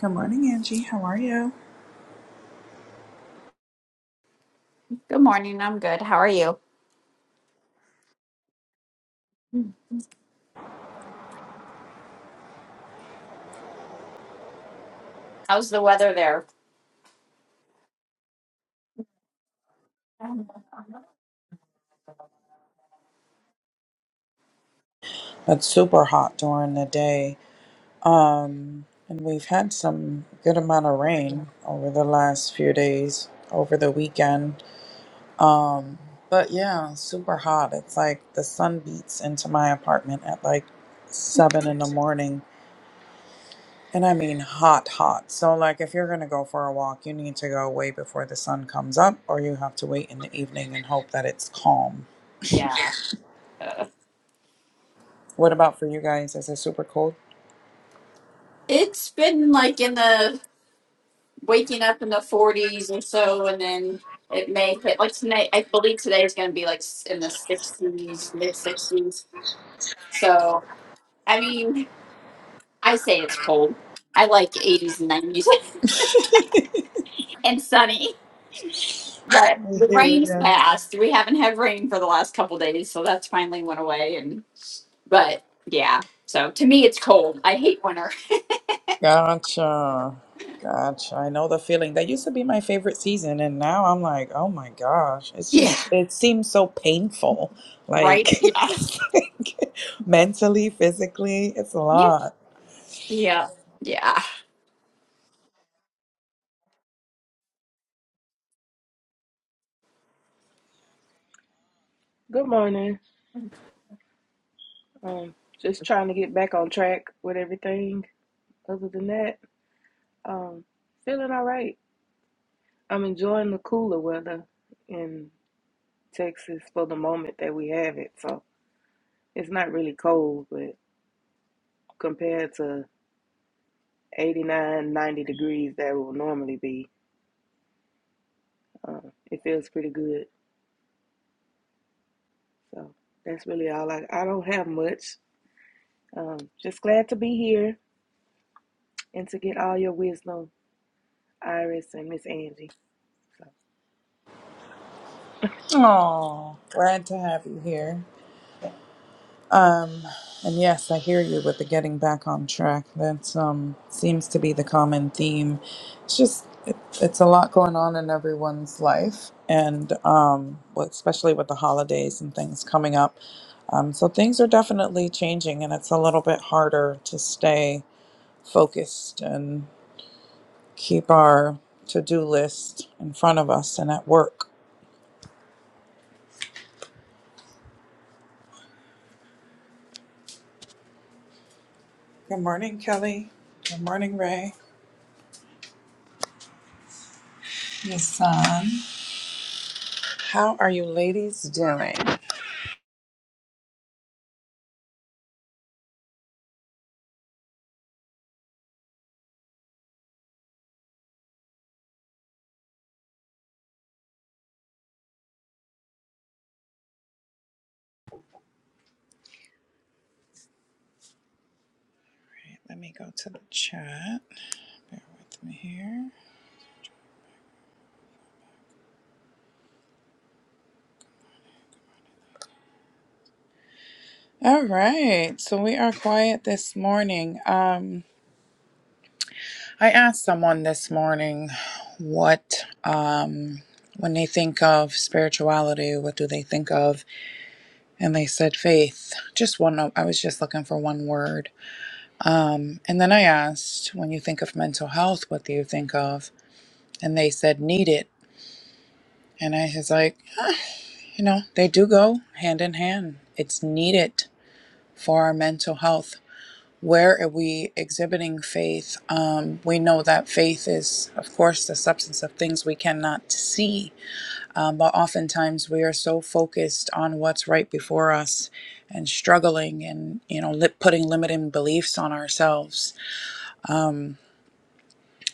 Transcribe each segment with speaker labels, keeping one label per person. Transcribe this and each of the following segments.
Speaker 1: Good morning, Angie. How are you?
Speaker 2: Good morning. I'm good. How are you? How's the weather there?
Speaker 1: It's super hot during the day. Um, and we've had some good amount of rain over the last few days, over the weekend. Um, but yeah, super hot. It's like the sun beats into my apartment at like seven in the morning. And I mean hot, hot. So like if you're gonna go for a walk, you need to go way before the sun comes up, or you have to wait in the evening and hope that it's calm.
Speaker 2: Yeah. Uh,
Speaker 1: What about for you guys? Is it super cold?
Speaker 2: it's been like in the waking up in the 40s or so, and then it may hit like tonight. I believe today is going to be like s- in the 60s, mid 60s. So, I mean, I say it's cold. I like 80s and 90s and sunny, but
Speaker 1: I
Speaker 2: the
Speaker 1: hear
Speaker 2: rain's
Speaker 1: you.
Speaker 2: passed. We haven't had rain for the last couple days, so that's finally went away. And but yeah, so to me, it's cold. I hate winter.
Speaker 1: Gotcha. Gotcha. I know the feeling. That used to be my favorite season, and now I'm like, oh my gosh, it's
Speaker 2: Yeah.
Speaker 1: just, it seems so painful.
Speaker 2: Right?
Speaker 1: Like,
Speaker 2: Yeah.
Speaker 1: mentally, physically, it's a
Speaker 2: Yeah.
Speaker 1: lot.
Speaker 2: Yeah. Yeah.
Speaker 3: Good morning. Um, just trying to get back on track with everything. Other than that, um, feeling all right. I'm enjoying the cooler weather in Texas for the moment that we have it. So it's not really cold, but compared to 89, 90 degrees that it will normally be, uh, it feels pretty good. So that's really all I, I don't have much. Um, just glad to be here and to get all your wisdom, Iris and Miss Angie. So
Speaker 1: Oh, glad to have you here. Um, and yes, I hear you with the getting back on track. That's um seems to be the common theme. It's just it, it's a lot going on in everyone's life, and um, well, especially with the holidays and things coming up. Um, so things are definitely changing, and it's a little bit harder to stay focused and keep our to-do list in front of us and at work. Good morning, Kelly. Good morning, Ray. Yes, son. How are you ladies doing? Let me go to the chat. Bear with me here. All right. So we are quiet this morning. Um, I asked someone this morning what, um, when they think of spirituality, what do they think of? And they said faith. Just one. I was just looking for one word. Um, and then I asked, when you think of mental health, what do you think of? And they said needed. And I was like, huh, you know, they do go hand in hand. It's needed. for our mental health. Where are we exhibiting faith? Um, we know that faith is, of course, the substance of things we cannot see, um, but oftentimes we are so focused on what's right before us and struggling and, you know, li- putting limiting beliefs on ourselves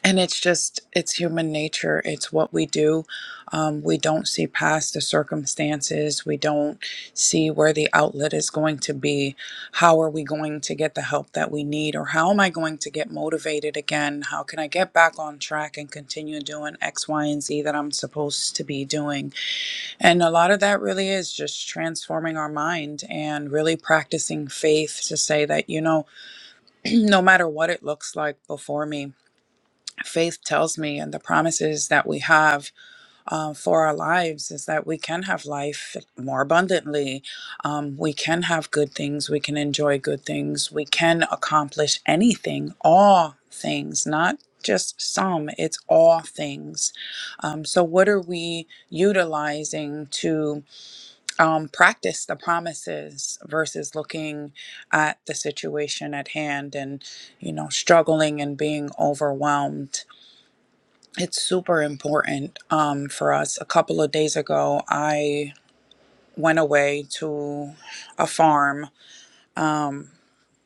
Speaker 1: And it's just, it's human nature. It's what we do. Um, we don't see past the circumstances. We don't see where the outlet is going to be. How are we going to get the help that we need? Or how am I going to get motivated again? How can I get back on track and continue doing X, Y, and Z that I'm supposed to be doing? And a lot of that really is just transforming our mind and really practicing faith to say that, you know, no matter what it looks like before me, faith tells me and the promises that we have um, for our lives is that we can have life more abundantly. Um, we can have good things. We can enjoy good things. We can accomplish anything, all things, not just some, it's all things. Um, so, what are we utilizing to um, practice the promises versus looking at the situation at hand and, you know, struggling and being overwhelmed? It's super important um, for us. A couple of days ago, I went away to a farm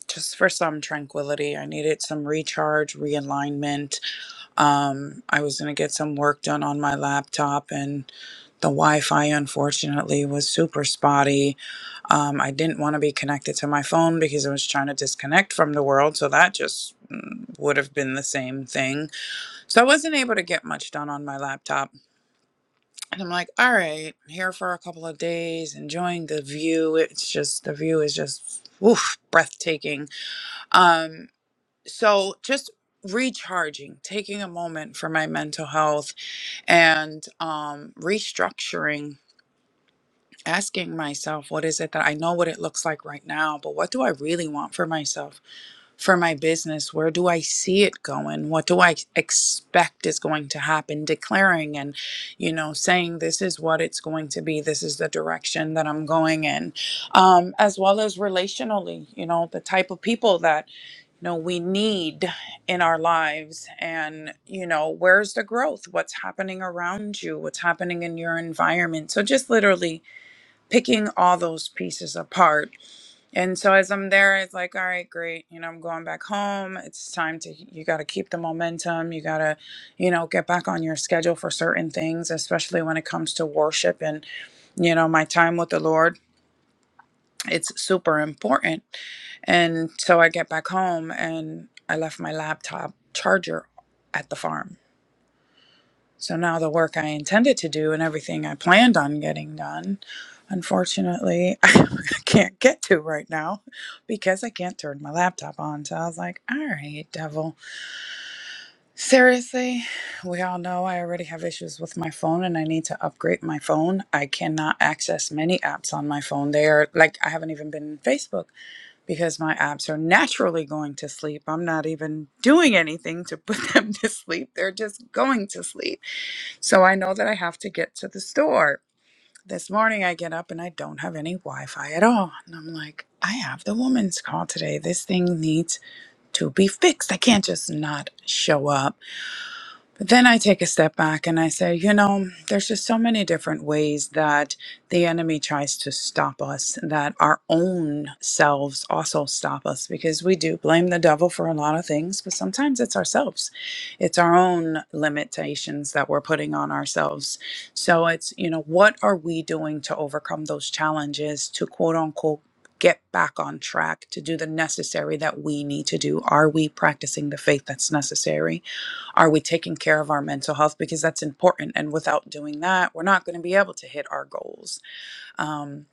Speaker 1: just for some tranquility. I needed some recharge, realignment. Um, I was going to get some work done on my laptop, and the Wi Fi, unfortunately, was super spotty. Um, I didn't want to be connected to my phone because I was trying to disconnect from the world. So that just mm, would have been the same thing. So I wasn't able to get much done on my laptop And I'm like, all right, I'm here for a couple of days, enjoying the view. It's just the view is just oof, breathtaking. Um, so just recharging, taking a moment for my mental health and um restructuring, asking myself, what is it that I know what it looks like right now, but what do I really want for myself? for my business? Where do I see it going? What do I expect is going to happen? Declaring and, you know, saying this is what it's going to be. This is the direction that I'm going in. Um, as well as relationally, you know, the type of people that, you know, we need in our lives and, you know, where's the growth? What's happening around you? What's happening in your environment? So just literally picking all those pieces apart and so as I'm there, it's like, all right, great. You know, I'm going back home. It's time to, you got to keep the momentum. You got to, you know, get back on your schedule for certain things, especially when it comes to worship and, you know, my time with the Lord. It's super important. And so I get back home and I left my laptop charger at the farm so now the work I intended to do and everything I planned on getting done, unfortunately, I can't get to right now because I can't turn my laptop on. So I was like, all right, devil. Seriously, we all know I already have issues with my phone and I need to upgrade my phone. I cannot access many apps on my phone. They are like, I haven't even been in Facebook because my apps are naturally going to sleep. I'm not even doing anything to put them to sleep, they're just going to sleep. So I know that I have to get to the store. This morning I get up and I don't have any Wi Fi at all. And I'm like, I have the woman's call today. This thing needs to be fixed. I can't just not show up. But then I take a step back and I say, you know, there's just so many different ways that the enemy tries to stop us, that our own selves also stop us, because we do blame the devil for a lot of things, but sometimes it's ourselves. It's our own limitations that we're putting on ourselves. So it's, you know, what are we doing to overcome those challenges to quote unquote get back on track to do the necessary that we need to do? Are we practicing the faith that's necessary? Are we taking care of our mental health? Because that's important. And without doing that, we're not going to be able to hit our goals. Um,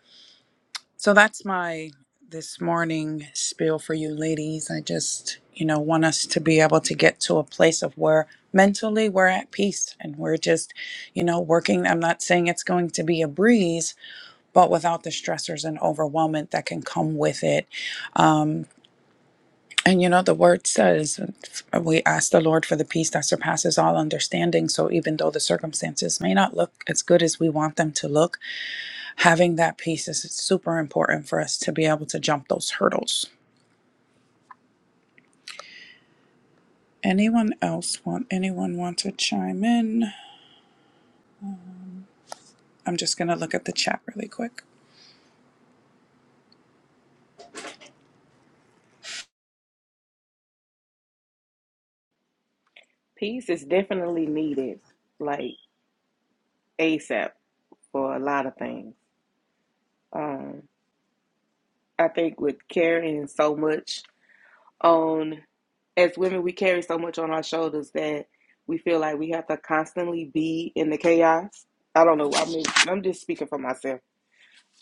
Speaker 1: so that's my this morning spiel for you ladies. I just, you know, want us to be able to get to a place of where mentally we're at peace and we're just, you know, working. I'm not saying it's going to be a breeze, but without the stressors and overwhelmment that can come with it. Um, and you know, the word says we ask the Lord for the peace that surpasses all understanding. So even though the circumstances may not look as good as we want them to look, having that peace is super important for us to be able to jump those hurdles. Anyone else want anyone want to chime in? I'm just gonna look at the chat really quick.
Speaker 3: Peace is definitely needed, like ASAP, for a lot of things. Um, I think with carrying so much on, as women, we carry so much on our shoulders that we feel like we have to constantly be in the chaos. I don't know. I mean, I'm just speaking for myself.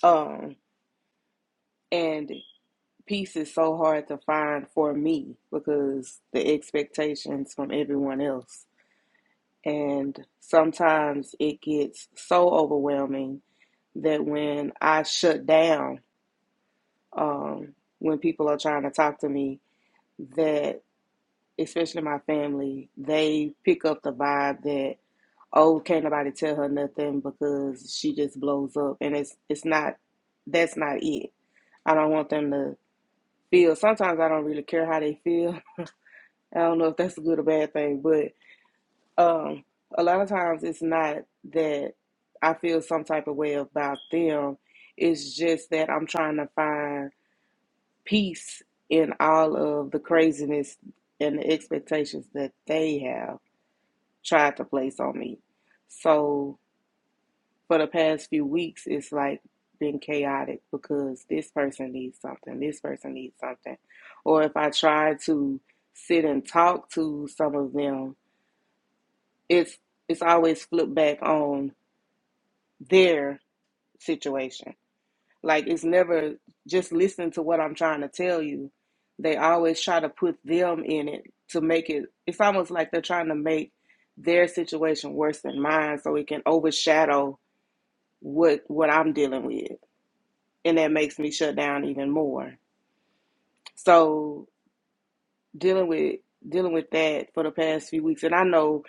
Speaker 3: Um, and peace is so hard to find for me because the expectations from everyone else. And sometimes it gets so overwhelming that when I shut down, um, when people are trying to talk to me, that especially my family, they pick up the vibe that oh, can't nobody tell her nothing because she just blows up, and it's it's not that's not it. I don't want them to feel. Sometimes I don't really care how they feel. I don't know if that's a good or bad thing, but um, a lot of times it's not that I feel some type of way about them. It's just that I'm trying to find peace in all of the craziness and the expectations that they have tried to place on me. So for the past few weeks, it's like been chaotic because this person needs something, this person needs something. Or if I try to sit and talk to some of them, it's it's always flipped back on their situation Like it's never just listen to what I'm trying to tell you. They always try to put them in it to make it. It's almost like they're trying to make their situation worse than mine, so it can overshadow what what I'm dealing with, and that makes me shut down even more. So dealing with dealing with that for the past few weeks, and I know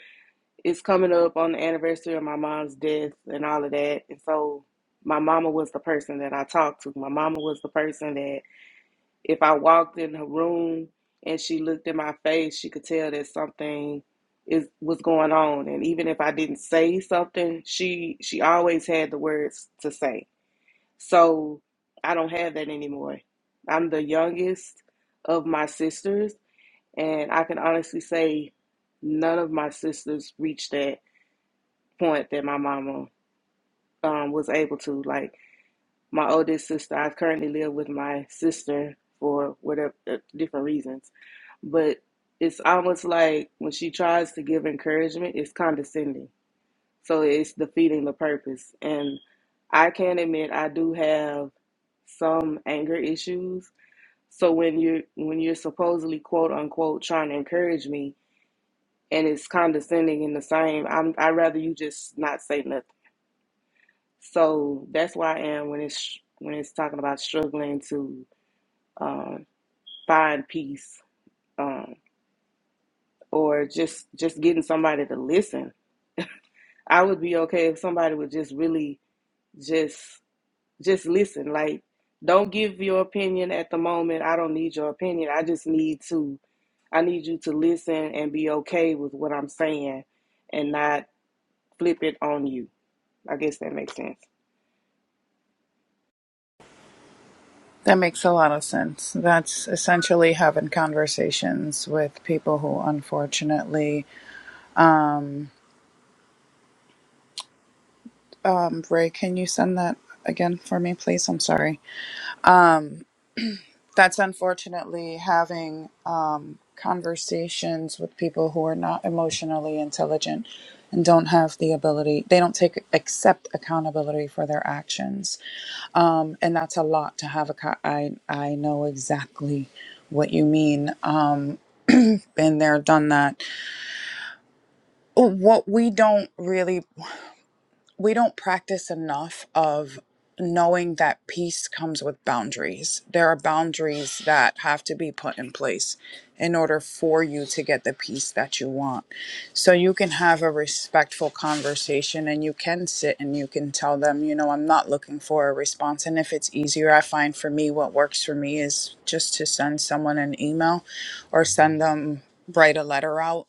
Speaker 3: it's coming up on the anniversary of my mom's death and all of that, and so my mama was the person that I talked to. My mama was the person that If I walked in her room and she looked in my face, she could tell that something is was going on. And even if I didn't say something, she she always had the words to say. So I don't have that anymore. I'm the youngest of my sisters, and I can honestly say none of my sisters reached that point that my mama um, was able to. Like my oldest sister. I currently live with my sister for whatever uh, different reasons, but it's almost like when she tries to give encouragement, it's condescending. So it's defeating the purpose. And I can admit I do have some anger issues. So when you're when you're supposedly quote unquote trying to encourage me and it's condescending in the same, I'm I'd rather you just not say nothing. So that's where I am when it's when it's talking about struggling to um, find peace um, or just just getting somebody to listen. I would be okay if somebody would just really just just listen. Like, don't give your opinion at the moment. I don't need your opinion. I just need to. I need you to listen and be okay with what I'm saying, and not flip it on you. I guess that makes sense.
Speaker 1: That makes a lot of sense. That's essentially having conversations with people who unfortunately um um Ray, can you send that again for me, please? I'm sorry. That's unfortunately having uh, conversations with people who are not emotionally intelligent and don't have the ability, they don't take accept accountability for their actions. Um, and that's a lot to have. A co- I, I know exactly what you mean. Um, been there, done that. What we don't really we don't practice enough of knowing that peace comes with boundaries. There are boundaries that have to be put in place in order for you to get the peace that you want. So you can have a respectful conversation and you can sit and you can tell them, you know, I'm not looking for a response. And if it's easier, I find for me, what works for me is just to send someone an email or send them, write a letter out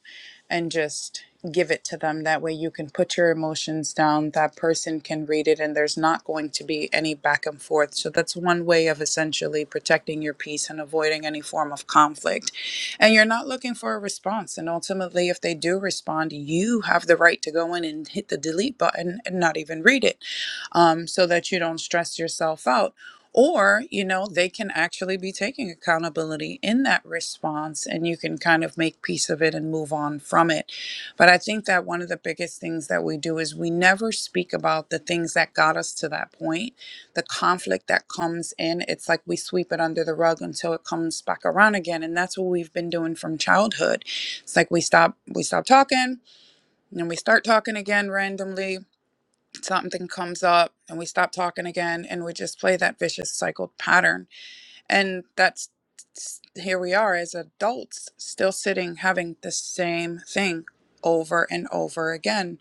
Speaker 1: and just give it to them. That way you can put your emotions down. That person can read it and there's not going to be any back and forth. So that's one way of essentially protecting your peace and avoiding any form of conflict. And you're not looking for a response. And ultimately, if they do respond, you have the right to go in and hit the delete button and not even read it um, so that you don't stress yourself out. Or, you know, they can actually be taking accountability in that response and you can kind of make peace of it and move on from it. But I think that one of the biggest things that we do is we never speak about the things that got us to that point, the conflict that comes in. It's like we sweep it under the rug until it comes back around again. And that's what we've been doing from childhood. It's like we stop, we stop talking and then we start talking again randomly something comes up and we stop talking again and we just play that vicious cycle pattern and that's here we are as adults still sitting having the same thing over and over again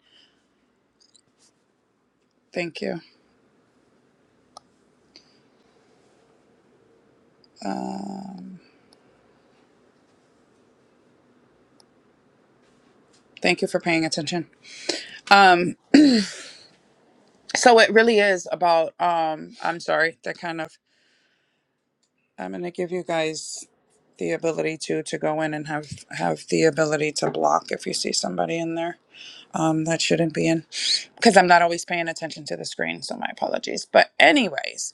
Speaker 1: thank you thank you for paying attention um so it really is about um i'm sorry that kind of i'm gonna give you guys the ability to to go in and have have the ability to block if you see somebody in there um that shouldn't be in because I'm not always paying attention to the screen, so my apologies. But anyways,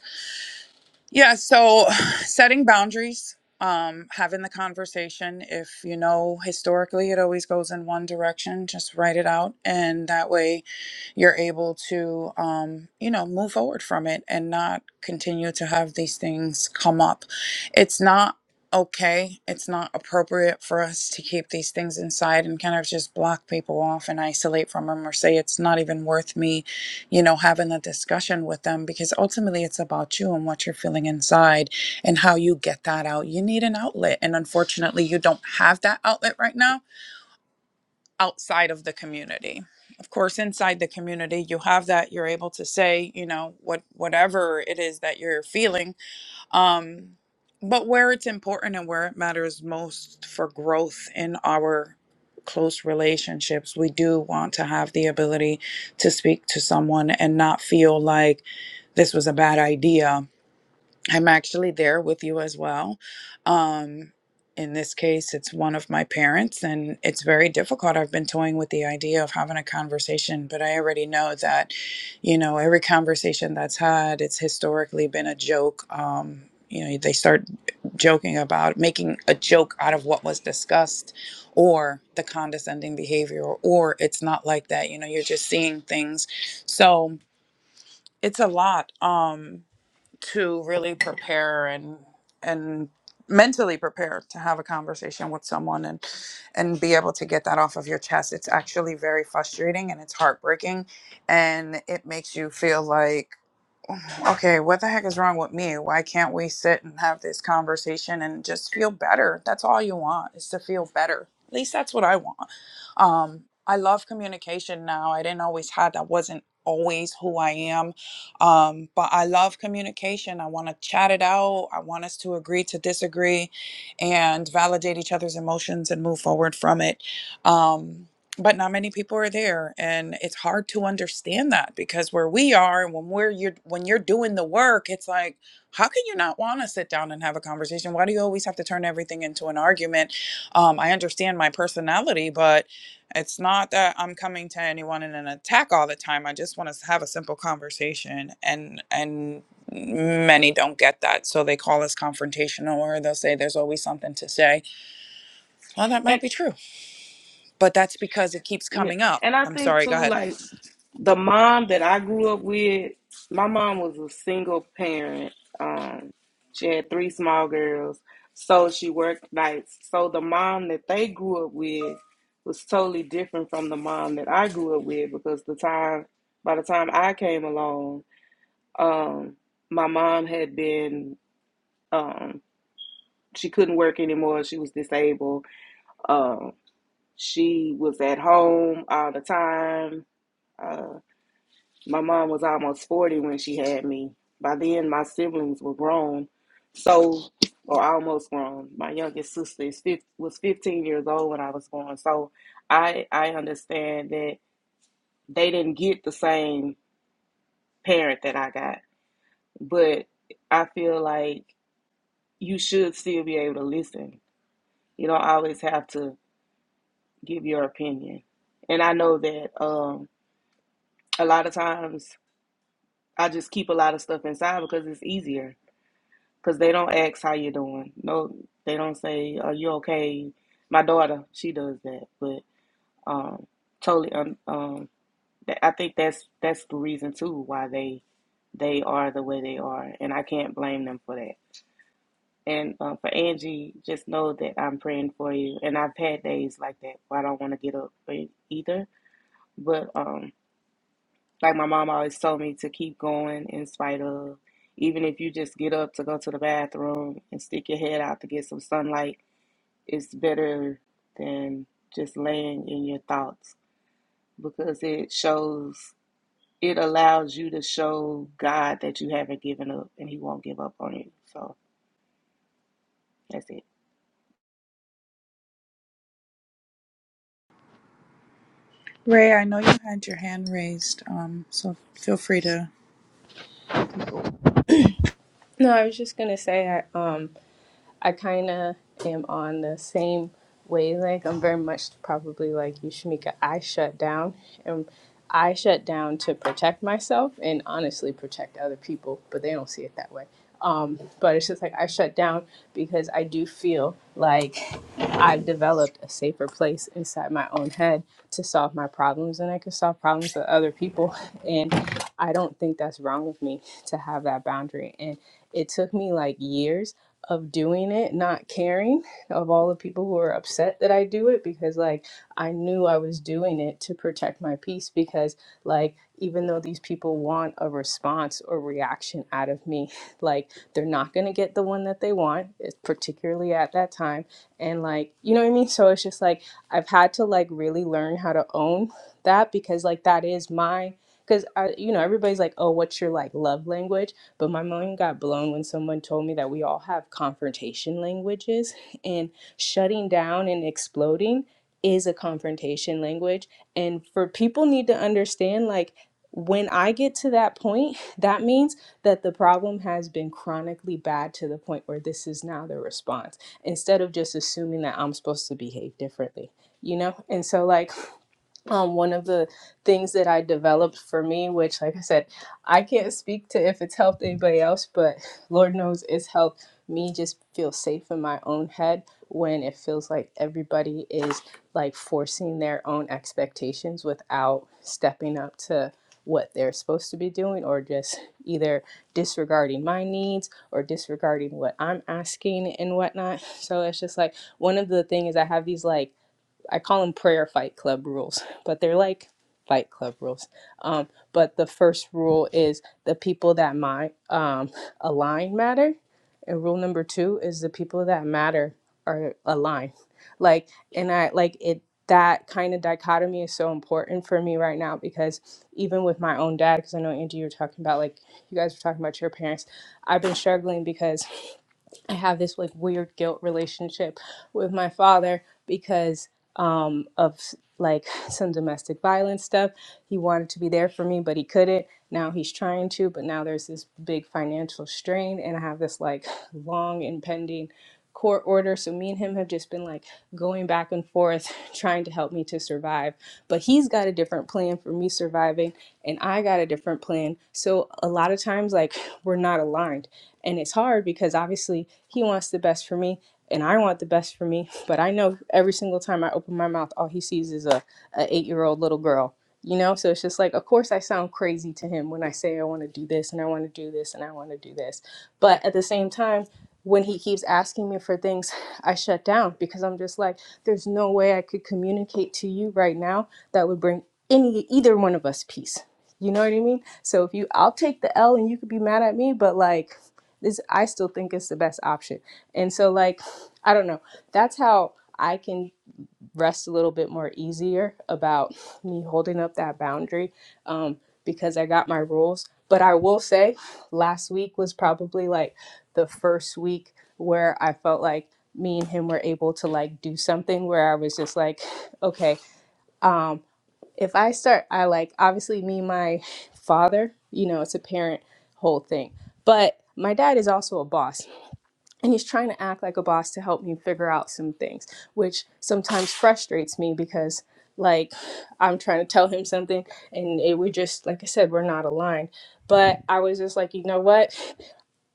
Speaker 1: yeah, so setting boundaries, um having the conversation, if you know historically it always goes in one direction, just write it out and that way you're able to um, you know move forward from it and not continue to have these things come up it's not okay it's not appropriate for us to keep these things inside and kind of just block people off and isolate from them or say it's not even worth me you know having a discussion with them because ultimately it's about you and what you're feeling inside and how you get that out you need an outlet and unfortunately you don't have that outlet right now outside of the community. Of course, inside the community, you have that you're able to say, you know, what whatever it is that you're feeling. Um, but where it's important and where it matters most for growth in our close relationships, we do want to have the ability to speak to someone and not feel like this was a bad idea I'm actually there with you as well. Um, in this case, it's one of my parents, and it's very difficult. I've been toying with the idea of having a conversation, but I already know that, you know, every conversation that's had, it's historically been a joke. Um, you know, they start joking about making a joke out of what was discussed or the condescending behavior, or it's not like that. You know, you're just seeing things. So it's a lot. Um, to really prepare and and mentally prepare to have a conversation with someone and and be able to get that off of your chest it's actually very frustrating and it's heartbreaking and it makes you feel like okay, what the heck is wrong with me? Why can't we sit and have this conversation and just feel better? That's all you want is to feel better. At least that's what I want. Um, I love communication now. I didn't always have that wasn't always who I am. Um, but I love communication. I want to chat it out. I want us to agree to disagree and validate each other's emotions and move forward from it. Um, but not many people are there and it's hard to understand that because where we are and when we're you're when you're doing the work it's like how can you not want to sit down and have a conversation why do you always have to turn everything into an argument um, i understand my personality but it's not that i'm coming to anyone in an attack all the time i just want to have a simple conversation and and many don't get that so they call us confrontational or they'll say there's always something to say well that
Speaker 3: And
Speaker 1: might be true but that's because it keeps
Speaker 3: Yeah.
Speaker 1: coming up.
Speaker 3: And I
Speaker 1: I'm
Speaker 3: think
Speaker 1: sorry, go
Speaker 3: too,
Speaker 1: ahead.
Speaker 3: like the mom that I grew up with, my mom was a single parent. Um, she had three small girls. So she worked nights. So the mom that they grew up with was totally different from the mom that I grew up with because the time by the time I came along, um, my mom had been um she couldn't work anymore, she was disabled. Um, she was at home all the time. Uh, My mom was almost 40 when she had me. By then, my siblings were grown, so, or almost grown. My youngest sister is 15, was 15 years old when I was born. So I, I understand that they didn't get the same parent that I got, but I feel like you should still be able to listen. You don't always have to give your opinion. And I know that um, a lot of times I just keep a lot of stuff inside because it's easier Cause they don't ask how you doing. No, they don't say, "Are you okay?" My daughter, she does that, but um, totally. Um, um, th- I think that's that's the reason too why they they are the way they are, and I can't blame them for that. And uh, for Angie, just know that I'm praying for you. And I've had days like that where I don't want to get up e- either, but um, like my mom always told me to keep going in spite of. Even if you just get up to go to the bathroom and stick your head out to get some sunlight, it's better than just laying in your thoughts because it shows, it allows you to show God that you haven't given up and He won't give up on you. So that's it.
Speaker 1: Ray, I know you had your hand raised, um, so feel free to.
Speaker 4: No, I was just gonna say I um I kind of am on the same wavelength. I'm very much probably like you, Shamika. I shut down, and I shut down to protect myself and honestly protect other people, but they don't see it that way. Um, but it's just like I shut down because I do feel like I've developed a safer place inside my own head to solve my problems, and I can solve problems with other people. And I don't think that's wrong with me to have that boundary. And it took me like years of doing it, not caring of all the people who are upset that I do it because like I knew I was doing it to protect my peace because like even though these people want a response or reaction out of me, like they're not going to get the one that they want, it's particularly at that time. And like, you know what I mean? So it's just like I've had to like really learn how to own that because like that is my because I, you know, everybody's like, oh, what's your like love language? But my mind got blown when someone told me that we all have confrontation languages, and shutting down and exploding is a confrontation language. And for people need to understand, like, when I get to that point, that means that the problem has been chronically bad to the point where this is now the response instead of just assuming that I'm supposed to behave differently, you know? And so, like, um, one of the things that I developed for me, which, like I said, I can't speak to if it's helped anybody else, but Lord knows it's helped me just feel safe in my own head when it feels like everybody is like forcing their own expectations without stepping up to what they're supposed to be doing or just either disregarding my needs or disregarding what I'm asking and whatnot. So it's just like one of the things I have these like I call them prayer fight club rules, but they're like fight club rules. Um, but the first rule is the people that my um, align matter, and rule number two is the people that matter are aligned. Like, and I like it. That kind of dichotomy is so important for me right now because even with my own dad, because I know Angie, you were talking about like you guys were talking about your parents. I've been struggling because I have this like weird guilt relationship with my father because um of like some domestic violence stuff. He wanted to be there for me, but he couldn't. Now he's trying to, but now there's this big financial strain and I have this like long impending court order. So me and him have just been like going back and forth trying to help me to survive. But he's got a different plan for me surviving, and I got a different plan. So a lot of times, like, we're not aligned. And it's hard because obviously he wants the best for me. And I want the best for me, but I know every single time I open my mouth, all he sees is a, a eight year old little girl you know so it's just like of course i sound crazy to him when i say i want to do this and i want to do this and i want to do this but at the same time when he keeps asking me for things, I shut down because I'm just like, there's no way I could communicate to you right now that would bring any either one of us peace. You know what I mean? So if you, I'll take the L, and you could be mad at me, but like, this I still think it's the best option. And so like, I don't know. That's how I can rest a little bit more easier about me holding up that boundary um, because I got my rules. But I will say, last week was probably like the first week where I felt like me and him were able to like do something where I was just like, okay, if I start, I like obviously me, my father, you know, it's a parent whole thing, but my dad is also a boss and he's trying to act like a boss to help me figure out some things which sometimes frustrates me because like i'm trying to tell him something and it we just like i said we're not aligned but i was just like you know what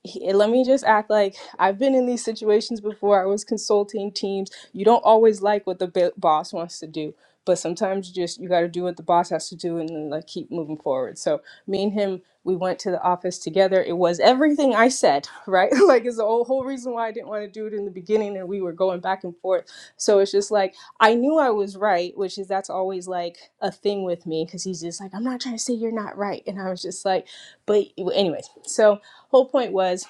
Speaker 4: he- let me just act like I've been in these situations before. I was consulting teams. You don't always like what the b- boss wants to do, but sometimes you just you got to do what the boss has to do and then, like keep moving forward. So me and him, we went to the office together. It was everything I said, right? like it's the whole, whole reason why I didn't want to do it in the beginning, and we were going back and forth. So it's just like I knew I was right, which is that's always like a thing with me because he's just like, I'm not trying to say you're not right, and I was just like, but anyways, so whole point was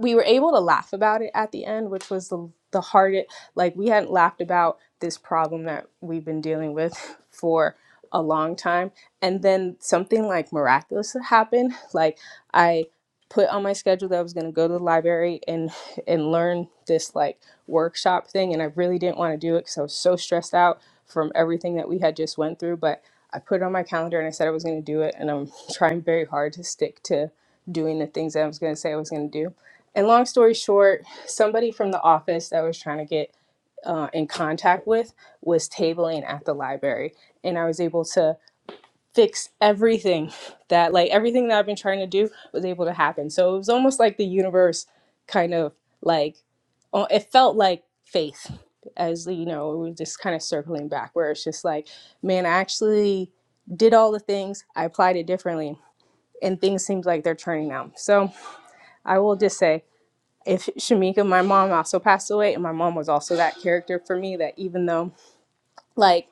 Speaker 4: we were able to laugh about it at the end, which was the the hardest. Like we hadn't laughed about this problem that we've been dealing with for a long time, and then something like miraculous happened. Like I put on my schedule that I was going to go to the library and and learn this like workshop thing, and I really didn't want to do it because I was so stressed out from everything that we had just went through, but. I put it on my calendar and I said I was going to do it, and I'm trying very hard to stick to doing the things that I was going to say I was going to do and long story short, somebody from the office that I was trying to get uh, in contact with was tabling at the library, and I was able to fix everything that, like, everything that I've been trying to do was able to happen. So it was almost like the universe kind of like uh, it felt like faith, as you know, we were just kind of circling back, where it's just like, man, I actually did all the things, I applied it differently, and things seems like they're turning out. So I will just say if Shamika, my mom also passed away, and my mom was also that character for me that even though, like,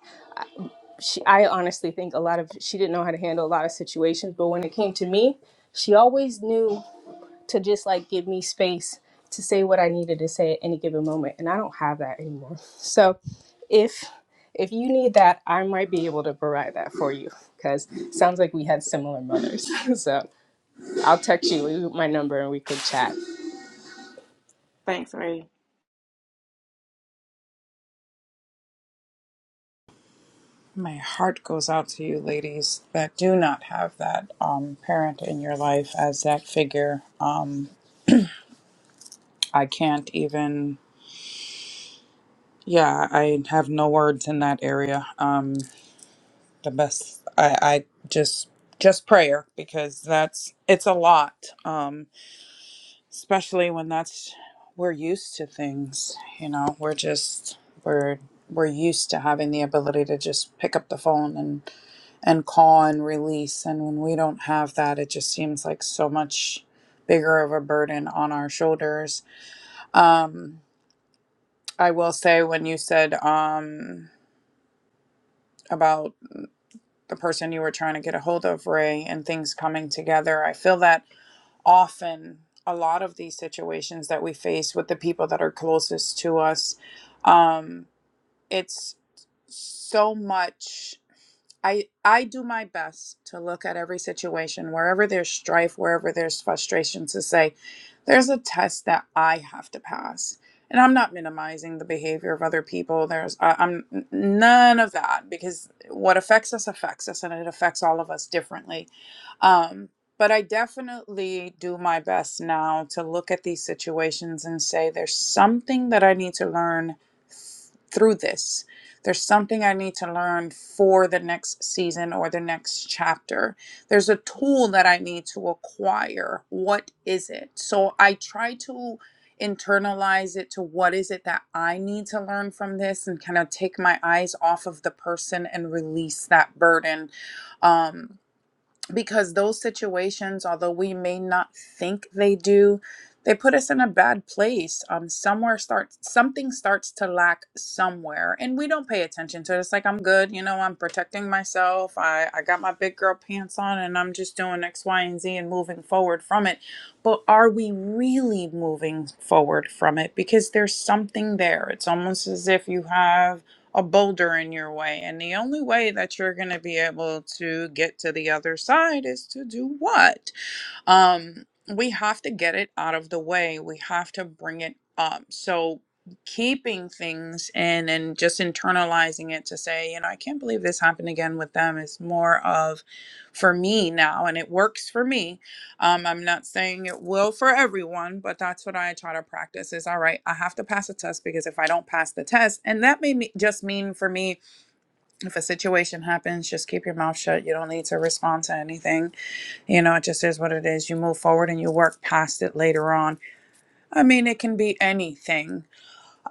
Speaker 4: she, I honestly think a lot of she didn't know how to handle a lot of situations, but when it came to me, she always knew to just like give me space to say what I needed to say at any given moment, and I don't have that anymore. So, if if you need that, I might be able to provide that for you because sounds like we had similar mothers. so I'll text you my number and we could chat.
Speaker 3: Thanks, Ray.
Speaker 1: My heart goes out to you, ladies, that do not have that um, parent in your life as that figure. Um, I can't even, yeah, I have no words in that area. Um, the best, I, I just, just prayer because that's, it's a lot. Um, especially when that's we're used to things you know we're just we're we're used to having the ability to just pick up the phone and and call and release and when we don't have that it just seems like so much bigger of a burden on our shoulders um i will say when you said um about the person you were trying to get a hold of ray and things coming together i feel that often a lot of these situations that we face with the people that are closest to us. Um, it's so much I I do my best to look at every situation wherever there's strife, wherever there's frustration to say there's a test that I have to pass. And I'm not minimizing the behavior of other people. There's I, I'm n- none of that because what affects us affects us and it affects all of us differently. Um but I definitely do my best now to look at these situations and say there's something that I need to learn through this. There's something I need to learn for the next season or the next chapter. There's a tool that I need to acquire. What is it? So I try to internalize it to what is it that I need to learn from this and kind of take my eyes off of the person and release that burden. Um, because those situations, although we may not think they do, they put us in a bad place. Um, somewhere starts something starts to lack somewhere, and we don't pay attention to it. It's like I'm good, you know, I'm protecting myself. I I got my big girl pants on, and I'm just doing X, Y, and Z, and moving forward from it. But are we really moving forward from it? Because there's something there. It's almost as if you have a boulder in your way. And the only way that you're going to be able to get to the other side is to do what? um we have to get it out of the way we have to bring it up so keeping things in and just internalizing it to say you know i can't believe this happened again with them is more of for me now and it works for me um, i'm not saying it will for everyone but that's what i try to practice is all right i have to pass a test because if i don't pass the test and that may me- just mean for me if a situation happens just keep your mouth shut you don't need to respond to anything you know, it just is what it is. You move forward and you work past it later on. I mean, it can be anything.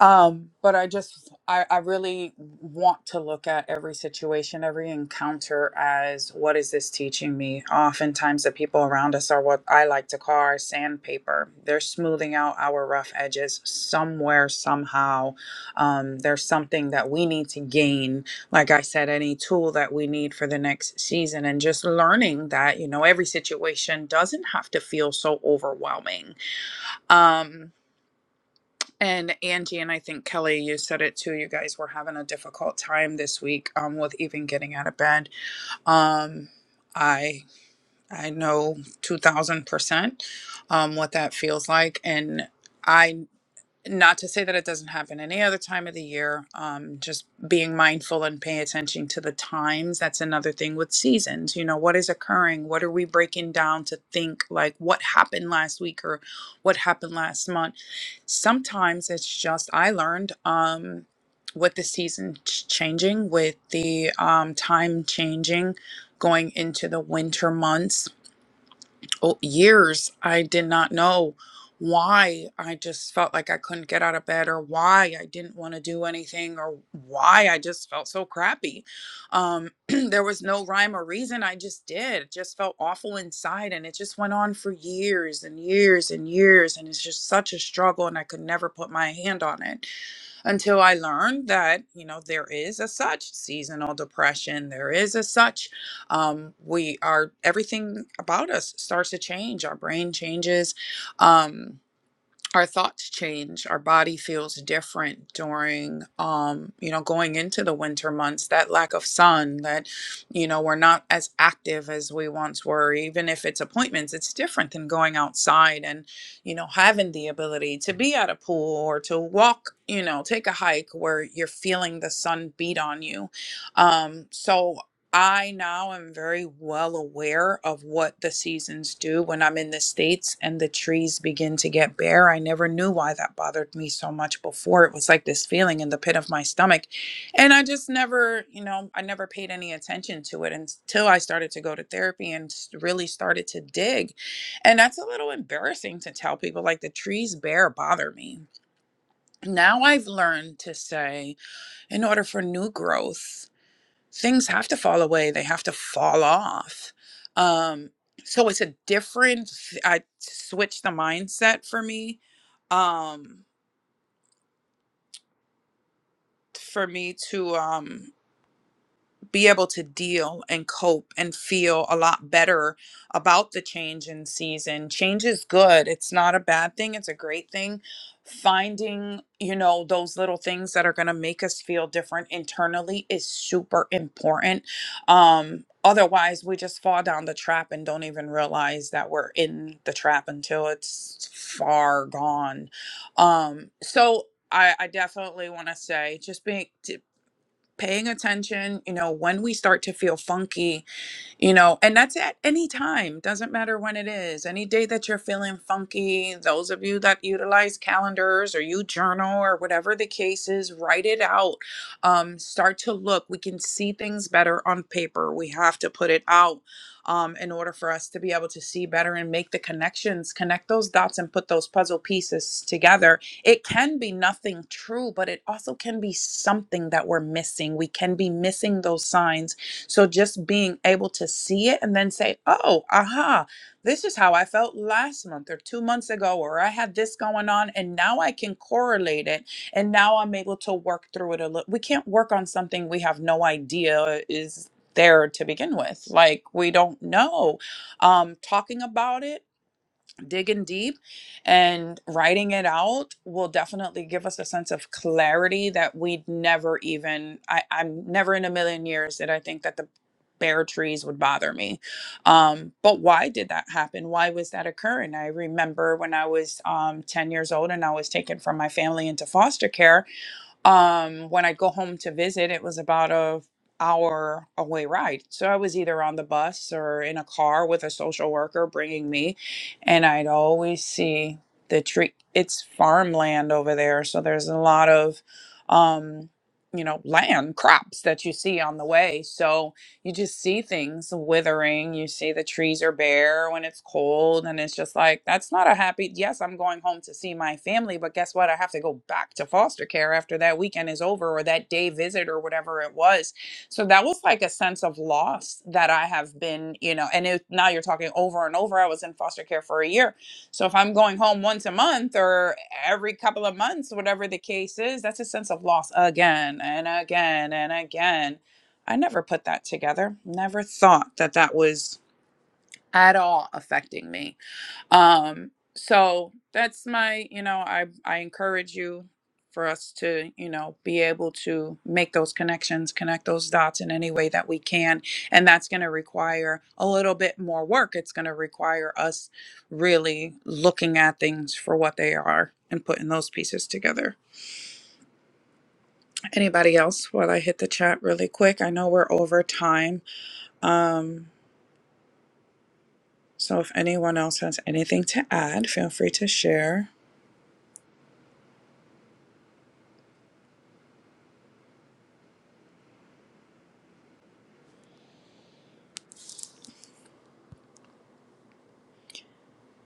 Speaker 1: Um, but I just, I, I really want to look at every situation, every encounter as what is this teaching me? Oftentimes, the people around us are what I like to call our sandpaper. They're smoothing out our rough edges somewhere, somehow. Um, there's something that we need to gain. Like I said, any tool that we need for the next season, and just learning that, you know, every situation doesn't have to feel so overwhelming. Um, and Angie and I think Kelly, you said it too. You guys were having a difficult time this week um, with even getting out of bed. Um, I I know two thousand percent um, what that feels like, and I not to say that it doesn't happen any other time of the year um, just being mindful and paying attention to the times that's another thing with seasons you know what is occurring what are we breaking down to think like what happened last week or what happened last month sometimes it's just i learned um, with the season ch- changing with the um, time changing going into the winter months oh, years I did not know why I just felt like I couldn't get out of bed or why I didn't want to do anything or why I just felt so crappy. Um, there was no rhyme or reason. I just did. It just felt awful inside and it just went on for years and years and years. And it's just such a struggle and I could never put my hand on it until I learned that, you know, there is a such seasonal depression. There is a such, um, we are, everything about us starts to change. Our brain changes. Um, our thoughts change our body feels different during um you know going into the winter months that lack of sun that you know we're not as active as we once were even if it's appointments it's different than going outside and you know having the ability to be at a pool or to walk you know take a hike where you're feeling the sun beat on you um so I now am very well aware of what the seasons do when I'm in the States and the trees begin to get bare. I never knew why that bothered me so much before. It was like this feeling in the pit of my stomach. And I just never, you know, I never paid any attention to it until I started to go to therapy and s- really started to dig. And that's a little embarrassing to tell people like the trees bare bother me. Now I've learned to say, in order for new growth, things have to fall away they have to fall off um so it's a different i switched the mindset for me um for me to um be able to deal and cope and feel a lot better about the change in season. Change is good. It's not a bad thing, it's a great thing. Finding, you know, those little things that are going to make us feel different internally is super important. Um otherwise we just fall down the trap and don't even realize that we're in the trap until it's far gone. Um so I, I definitely want to say just being paying attention, you know, when we start to feel funky, you know and that's at any time doesn't matter when it is any day that you're feeling funky those of you that utilize calendars or you journal or whatever the case is write it out um, start to look we can see things better on paper we have to put it out um, in order for us to be able to see better and make the connections connect those dots and put those puzzle pieces together it can be nothing true but it also can be something that we're missing we can be missing those signs so just being able to see it and then say, oh, aha, this is how I felt last month or two months ago, or I had this going on, and now I can correlate it. And now I'm able to work through it a little. We can't work on something we have no idea is there to begin with. Like we don't know. Um, talking about it digging deep and writing it out will definitely give us a sense of clarity that we'd never even I, i'm never in a million years that i think that the bare trees would bother me um, but why did that happen why was that occurring i remember when i was um, 10 years old and i was taken from my family into foster care um when i'd go home to visit it was about a hour away ride so i was either on the bus or in a car with a social worker bringing me and i'd always see the tree it's farmland over there so there's a lot of um you know land crops that you see on the way so you just see things withering. You see the trees are bare when it's cold. And it's just like, that's not a happy. Yes, I'm going home to see my family, but guess what? I have to go back to foster care after that weekend is over or that day visit or whatever it was. So that was like a sense of loss that I have been, you know, and it, now you're talking over and over. I was in foster care for a year. So if I'm going home once a month or every couple of months, whatever the case is, that's a sense of loss again and again and again. I never put that together. Never thought that that was at all affecting me. Um, so that's my, you know, I I encourage you for us to, you know, be able to make those connections, connect those dots in any way that we can, and that's going to require a little bit more work. It's going to require us really looking at things for what they are and putting those pieces together. Anybody else? While I hit the chat really quick, I know we're over time. Um, So if anyone else has anything to add, feel free to share.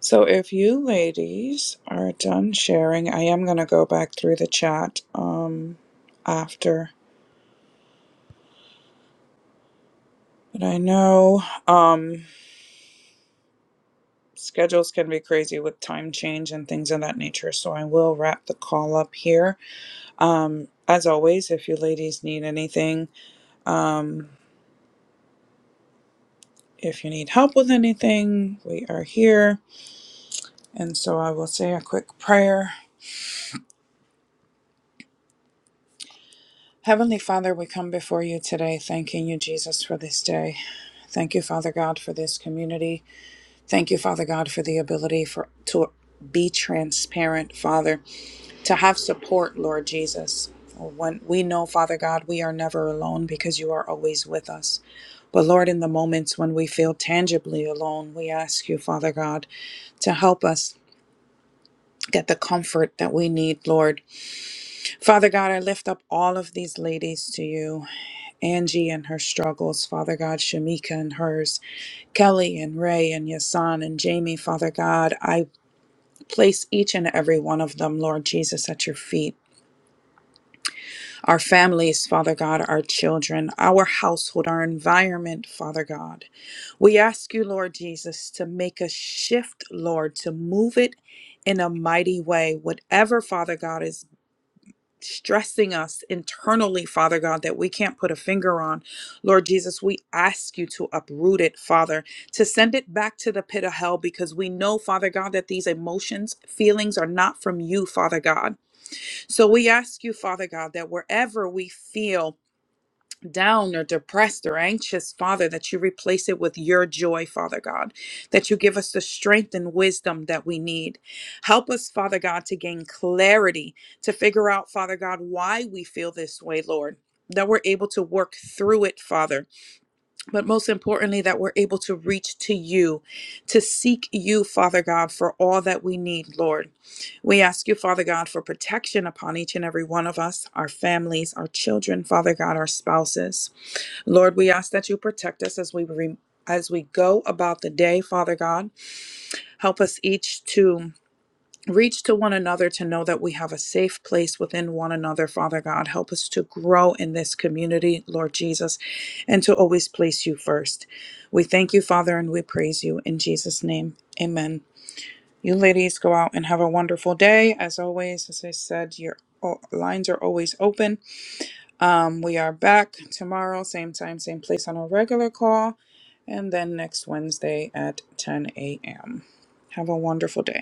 Speaker 1: So if you ladies are done sharing, I am going to go back through the chat um after. But I know um schedules can be crazy with time change and things of that nature, so I will wrap the call up here. Um as always, if you ladies need anything, um if you need help with anything, we are here. And so I will say a quick prayer Heavenly Father, we come before you today thanking you, Jesus, for this day. Thank you, Father God, for this community. Thank you, Father God, for the ability for to be transparent, Father, to have support, Lord Jesus. When we know, Father God, we are never alone because you are always with us. But Lord, in the moments when we feel tangibly alone, we ask you, Father God, to help us get the comfort that we need, Lord, Father God, I lift up all of these ladies to you. Angie and her struggles, Father God, Shamika and hers, Kelly and Ray and Yasan and Jamie, Father God, I place each and every one of them, Lord Jesus, at your feet. Our families, Father God, our children, our household, our environment, Father God. We ask you, Lord Jesus, to make a shift, Lord, to move it in a mighty way. Whatever, Father God, is stressing us internally, Father God, that we can't put a finger on. Lord Jesus, we ask you to uproot it, Father, to send it back to the pit of hell because we know, Father God, that these emotions, feelings are not from you, Father God. So we ask you, Father God, that wherever we feel, down or depressed or anxious, Father, that you replace it with your joy, Father God, that you give us the strength and wisdom that we need. Help us, Father God, to gain clarity, to figure out, Father God, why we feel this way, Lord. That we're able to work through it, Father. But most importantly, that we're able to reach to you, to seek you, Father God, for all that we need, Lord. We ask you, Father God, for protection upon each and every one of us, our families, our children, Father God, our spouses. Lord, we ask that you protect us as we re- as we go about the day, Father God. Help us each to reach to one another to know that we have a safe place within one another, Father God. Help us to grow in this community, Lord Jesus, and to always place you first. We thank you, Father, and we praise you in Jesus name. Amen. You ladies go out and have a wonderful day. As always, as I said, your o- lines are always open. Um, we are back tomorrow, same time, same place on our regular call, and then next Wednesday at 10 a.m. Have a wonderful day.